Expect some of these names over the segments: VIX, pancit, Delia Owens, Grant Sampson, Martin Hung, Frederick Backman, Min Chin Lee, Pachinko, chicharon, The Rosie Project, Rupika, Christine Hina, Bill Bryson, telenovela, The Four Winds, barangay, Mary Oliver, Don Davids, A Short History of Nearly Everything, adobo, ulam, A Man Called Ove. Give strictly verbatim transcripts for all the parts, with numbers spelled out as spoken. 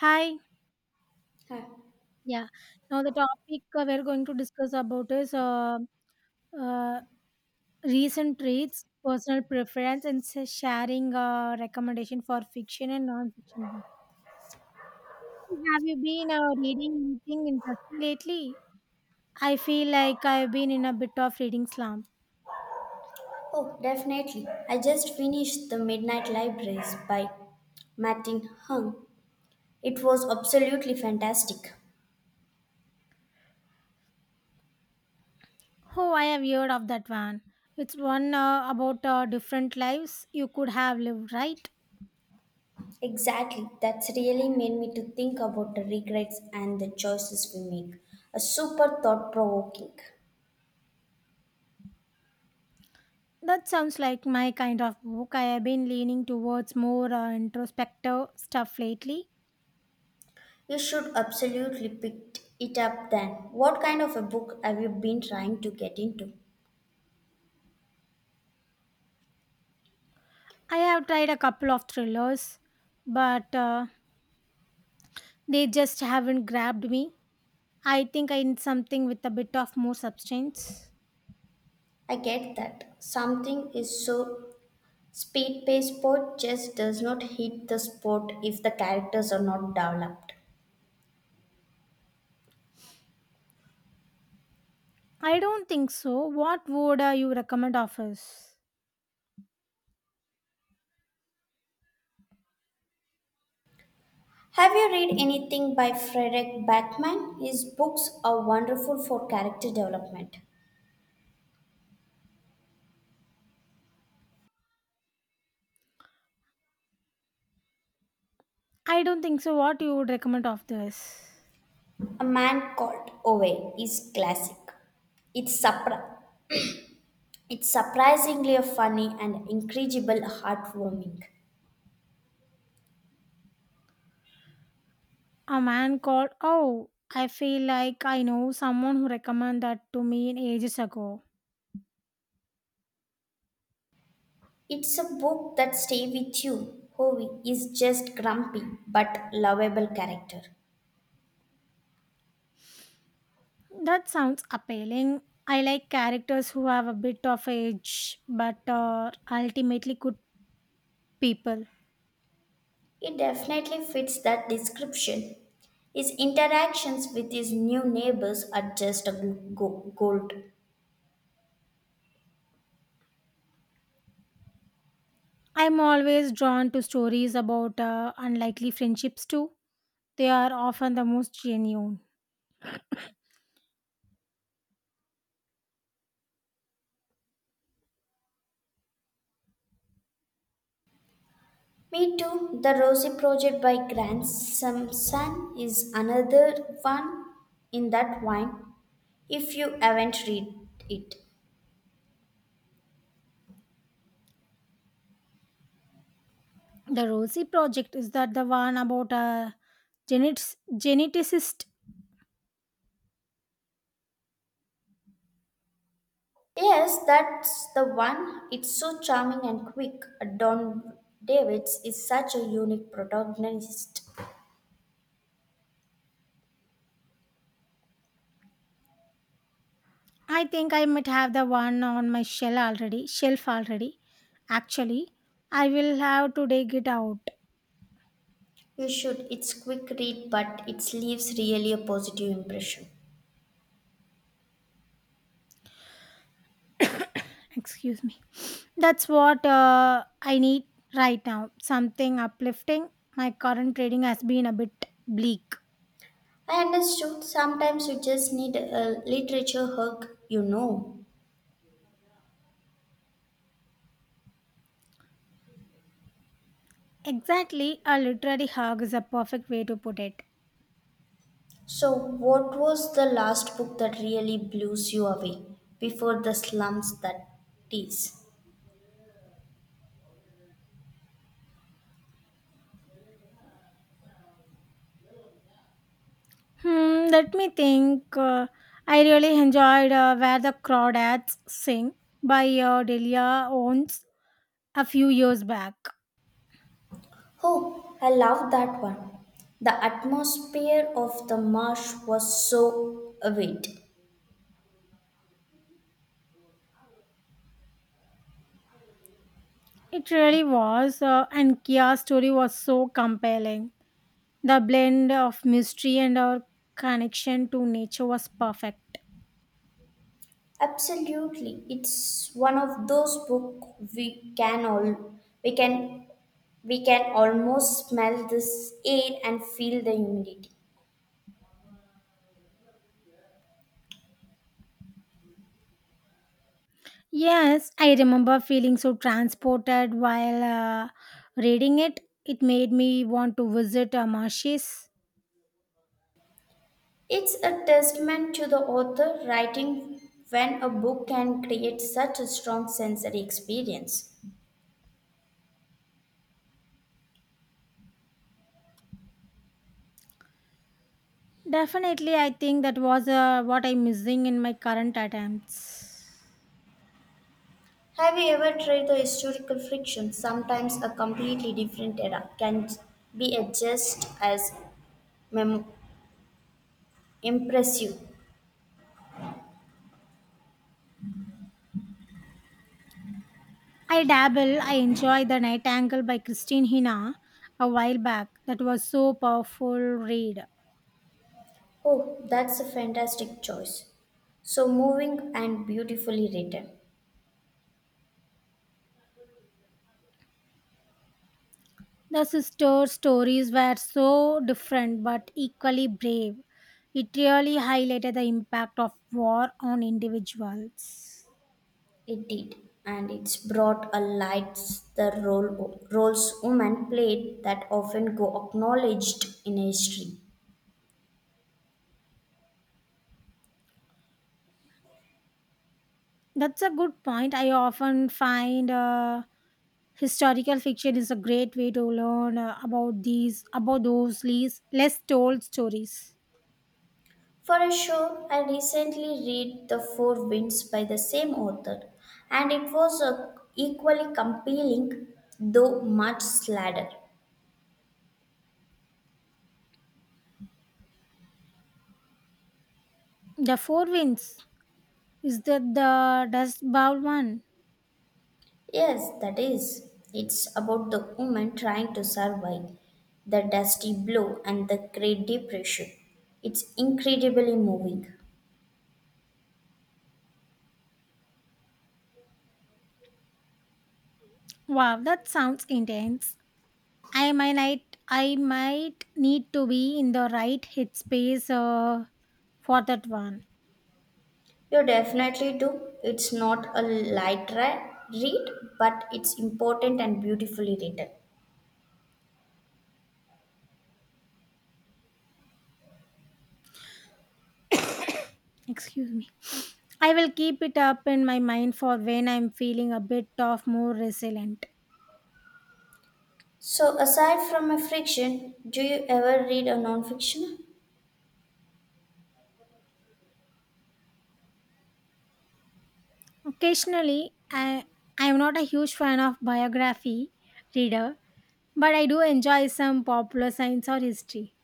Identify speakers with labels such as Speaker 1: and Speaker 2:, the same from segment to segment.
Speaker 1: Hi.
Speaker 2: Huh.
Speaker 1: Yeah. Now the topic uh, we're going to discuss about is uh, uh, recent traits, personal preference, and sa- sharing uh, recommendation for fiction and non-fiction books. Have you been uh, reading anything interesting lately? I feel like I've been in a bit of reading slump.
Speaker 2: Oh, definitely. I just finished The Midnight Libraries by Martin Hung. It was absolutely fantastic.
Speaker 1: Oh, I have heard of that one. It's one uh, about uh, different lives you could have lived, right?
Speaker 2: Exactly. That's really made me to think about the regrets and the choices we make. A super thought provoking.
Speaker 1: That sounds like my kind of book. I have been leaning towards more uh, introspective stuff lately.
Speaker 2: You should absolutely pick it up then. What kind of a book have you been trying to get into?
Speaker 1: I have tried a couple of thrillers, but uh, they just haven't grabbed me. I think I need something with a bit of more substance.
Speaker 2: I get that. Something is so speed based sport just does not hit the sport if the characters are not developed.
Speaker 1: I don't think so. What would uh, you recommend of us?
Speaker 2: Have you read anything by Frederick Backman? His books are wonderful for character development.
Speaker 1: I don't think so. What you would recommend of this?
Speaker 2: A Man Called Ove is classic. It's, surpri- it's surprisingly funny and incredible heartwarming.
Speaker 1: A man called. Oh, I feel like I know someone who recommended that to me ages ago.
Speaker 2: It's a book that stays with you. Ove is just grumpy but lovable character.
Speaker 1: That sounds appealing. I like characters who have a bit of edge but are ultimately good people.
Speaker 2: It definitely fits that description. His interactions with his new neighbors are just a g- go- gold.
Speaker 1: I'm always drawn to stories about uh, unlikely friendships too. They are often the most genuine.
Speaker 2: Me too. The Rosie Project by Grant Sampson is another one in that wine. If you haven't read it,
Speaker 1: The Rosie project is that the one about a genet- geneticist.
Speaker 2: yes, that's the one. It's so charming and quick. Don Davids is such a unique protagonist.
Speaker 1: I think I might have the one on my shell already, shelf already. Actually, I will have to dig it out.
Speaker 2: You should. It's quick read, but it leaves really a positive impression.
Speaker 1: Excuse me, that's what uh, I need right now, something uplifting. My current trading has been a bit bleak.
Speaker 2: I understood. Sometimes you just need a literature hug, you know.
Speaker 1: Exactly, a literary hug is a perfect way to put it.
Speaker 2: So, what was the last book that really blows you away before the slums that tease?
Speaker 1: Hmm, let me think. uh, I really enjoyed uh, Where the Crawdads Sing by uh, Delia Owens a few years back.
Speaker 2: Oh, I love that one. The atmosphere of the marsh was so avid.
Speaker 1: It really was, uh, and Kia's story was so compelling. The blend of mystery and our connection to nature was perfect.
Speaker 2: Absolutely, it's one of those books we can all we can we can almost smell this air and feel the humidity.
Speaker 1: Yes, I remember feeling so transported while uh, reading it. It made me want to visit uh, marshes.
Speaker 2: It's a testament to the author writing when a book can create such a strong sensory experience.
Speaker 1: Definitely, I think that was uh, what I'm missing in my current attempts.
Speaker 2: Have you ever tried the historical fiction? Sometimes a completely different era can be just as mem- impressive.
Speaker 1: I dabble, I enjoy The Night Angle by Christine Hina a while back. That was so powerful read.
Speaker 2: Oh, that's a fantastic choice. So moving and beautifully written.
Speaker 1: The sister stories were so different but equally brave. It really highlighted the impact of war on individuals.
Speaker 2: It did, and it's brought a light the role roles women played that often go acknowledged in history.
Speaker 1: That's a good point. I often find uh, historical fiction is a great way to learn uh, about these about those least, less told stories.
Speaker 2: For a show, I recently read The Four Winds by the same author, and it was a equally compelling, though much sladder.
Speaker 1: The Four Winds, is that the Dust Bowl one?
Speaker 2: Yes, that is. It's about the woman trying to survive the dusty blow and the Great Depression. It's incredibly moving.
Speaker 1: Wow, that sounds intense. I might not- I might need to be in the right headspace uh, for that one.
Speaker 2: You definitely do. It's not a light ra- read, but it's important and beautifully written.
Speaker 1: Excuse me. I will keep it up in my mind for when I'm feeling a bit of more resilient.
Speaker 2: So, aside from a fiction, do you ever read a non-fiction?
Speaker 1: Occasionally, I I am not a huge fan of biography reader, but I do enjoy some popular science or history.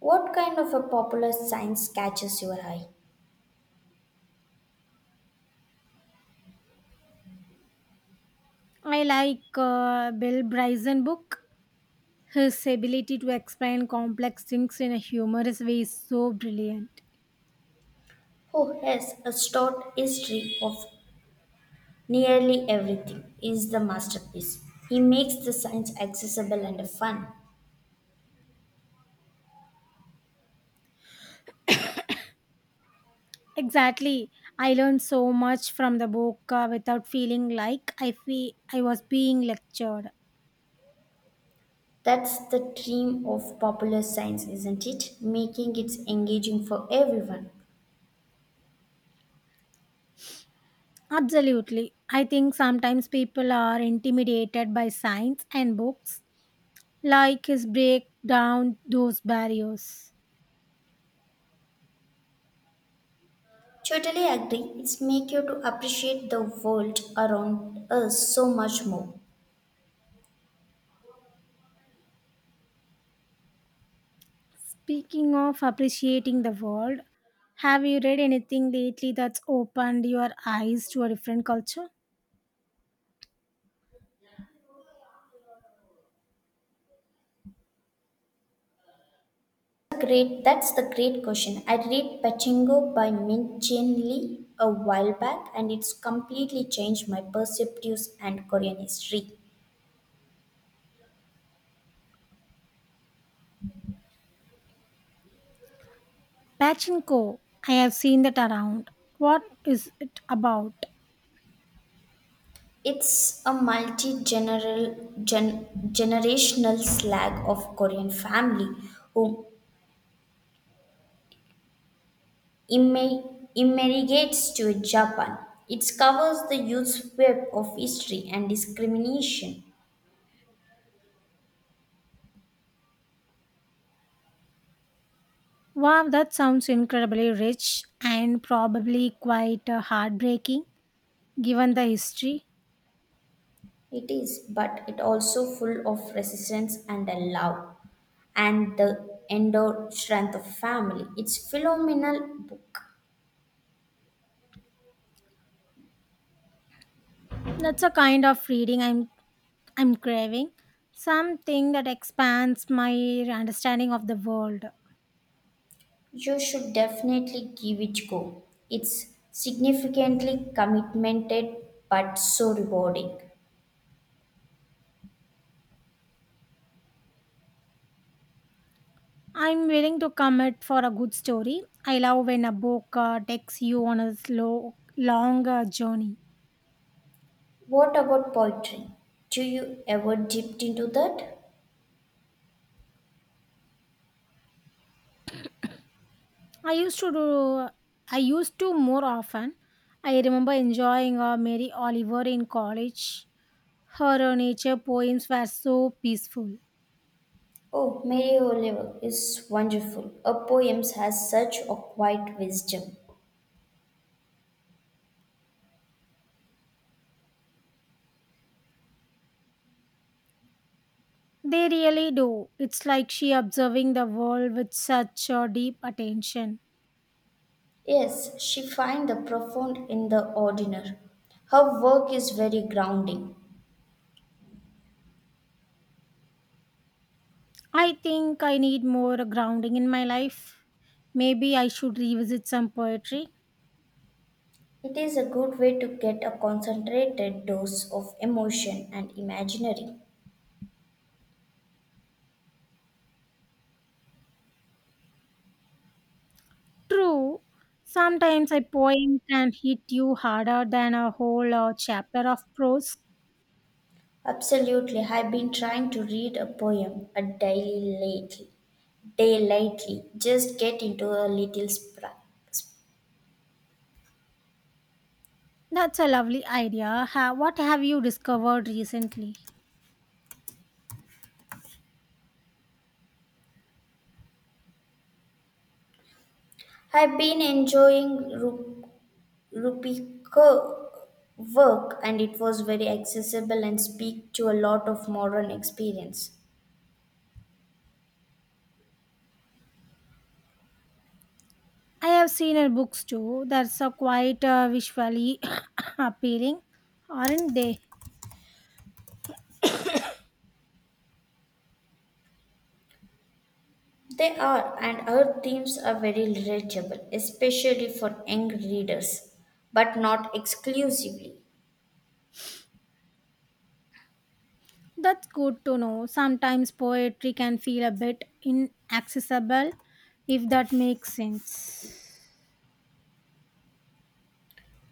Speaker 2: What kind of a popular science catches your eye?
Speaker 1: I like uh, Bill Bryson book. His ability to explain complex things in a humorous way is so brilliant.
Speaker 2: Oh, yes, a short history of nearly everything is the masterpiece. He makes the science accessible and fun.
Speaker 1: Exactly, I learned so much from the book uh, without feeling like I feel I was being lectured.
Speaker 2: That's the dream of popular science, isn't it? Making it engaging for everyone.
Speaker 1: Absolutely. I think sometimes people are intimidated by science and books like his break down those barriers.
Speaker 2: Totally agree. It's make you to appreciate the world around us so much more.
Speaker 1: Speaking of appreciating the world, have you read anything lately that's opened your eyes to a different culture?
Speaker 2: Great, that's the great question. I read Pachinko by Min Chin Lee a while back and it's completely changed my perspectives and Korean history.
Speaker 1: Pachinko, I have seen that around. What is it about?
Speaker 2: It's a multi generational slag of Korean family who immi- immigrates to Japan. It covers the youth's web of history and discrimination.
Speaker 1: Wow, that sounds incredibly rich and probably quite uh, heartbreaking given the history.
Speaker 2: It is, but it also full of resistance and a love and the endowed strength of family. It's phenomenal book.
Speaker 1: That's a kind of reading I'm I'm craving. Something that expands my understanding of the world.
Speaker 2: You should definitely give it go. It's significantly commitmented but so rewarding.
Speaker 1: I'm willing to commit for a good story. I love when a book uh, takes you on a slow, long uh, journey.
Speaker 2: What about poetry? Do you ever dipped into that?
Speaker 1: I used to do, I used to more often. I remember enjoying uh, Mary Oliver in college. Her uh, nature poems were so peaceful.
Speaker 2: Oh, Mary Oliver is wonderful. Her poems has such a quiet wisdom.
Speaker 1: They really do. It's like she observing the world with such uh, deep attention.
Speaker 2: Yes, she finds the profound in the ordinary. Her work is very grounding.
Speaker 1: I think I need more grounding in my life. Maybe I should revisit some poetry.
Speaker 2: It is a good way to get a concentrated dose of emotion and imaginary.
Speaker 1: True, sometimes a poem can hit you harder than a whole uh, chapter of prose.
Speaker 2: Absolutely, I've been trying to read a poem a daily lately. Day lately, just get into a little sprint.
Speaker 1: That's a lovely idea. Ha- what have you discovered recently?
Speaker 2: I've been enjoying Ru- Rupika work and it was very accessible and speak to a lot of modern experience.
Speaker 1: I have seen in books too. That's a quite uh, visually appealing, aren't they?
Speaker 2: They are, and our themes are very relatable, especially for young readers, but not exclusively.
Speaker 1: That's good to know. Sometimes poetry can feel a bit inaccessible, if that makes sense.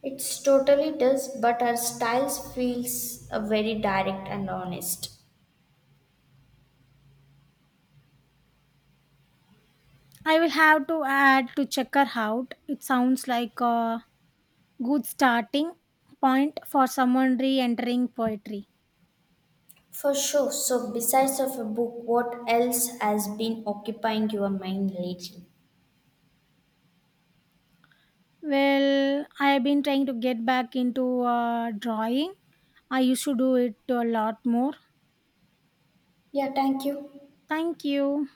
Speaker 2: It's totally does, but our styles feels uh, very direct and honest.
Speaker 1: I will have to add to check her out. It sounds like uh, good starting point for someone re-entering poetry.
Speaker 2: For sure. So besides of a book, what else has been occupying your mind lately?
Speaker 1: Well, I have been trying to get back into uh, drawing. I used to do it a lot more.
Speaker 2: Yeah, thank you.
Speaker 1: Thank you.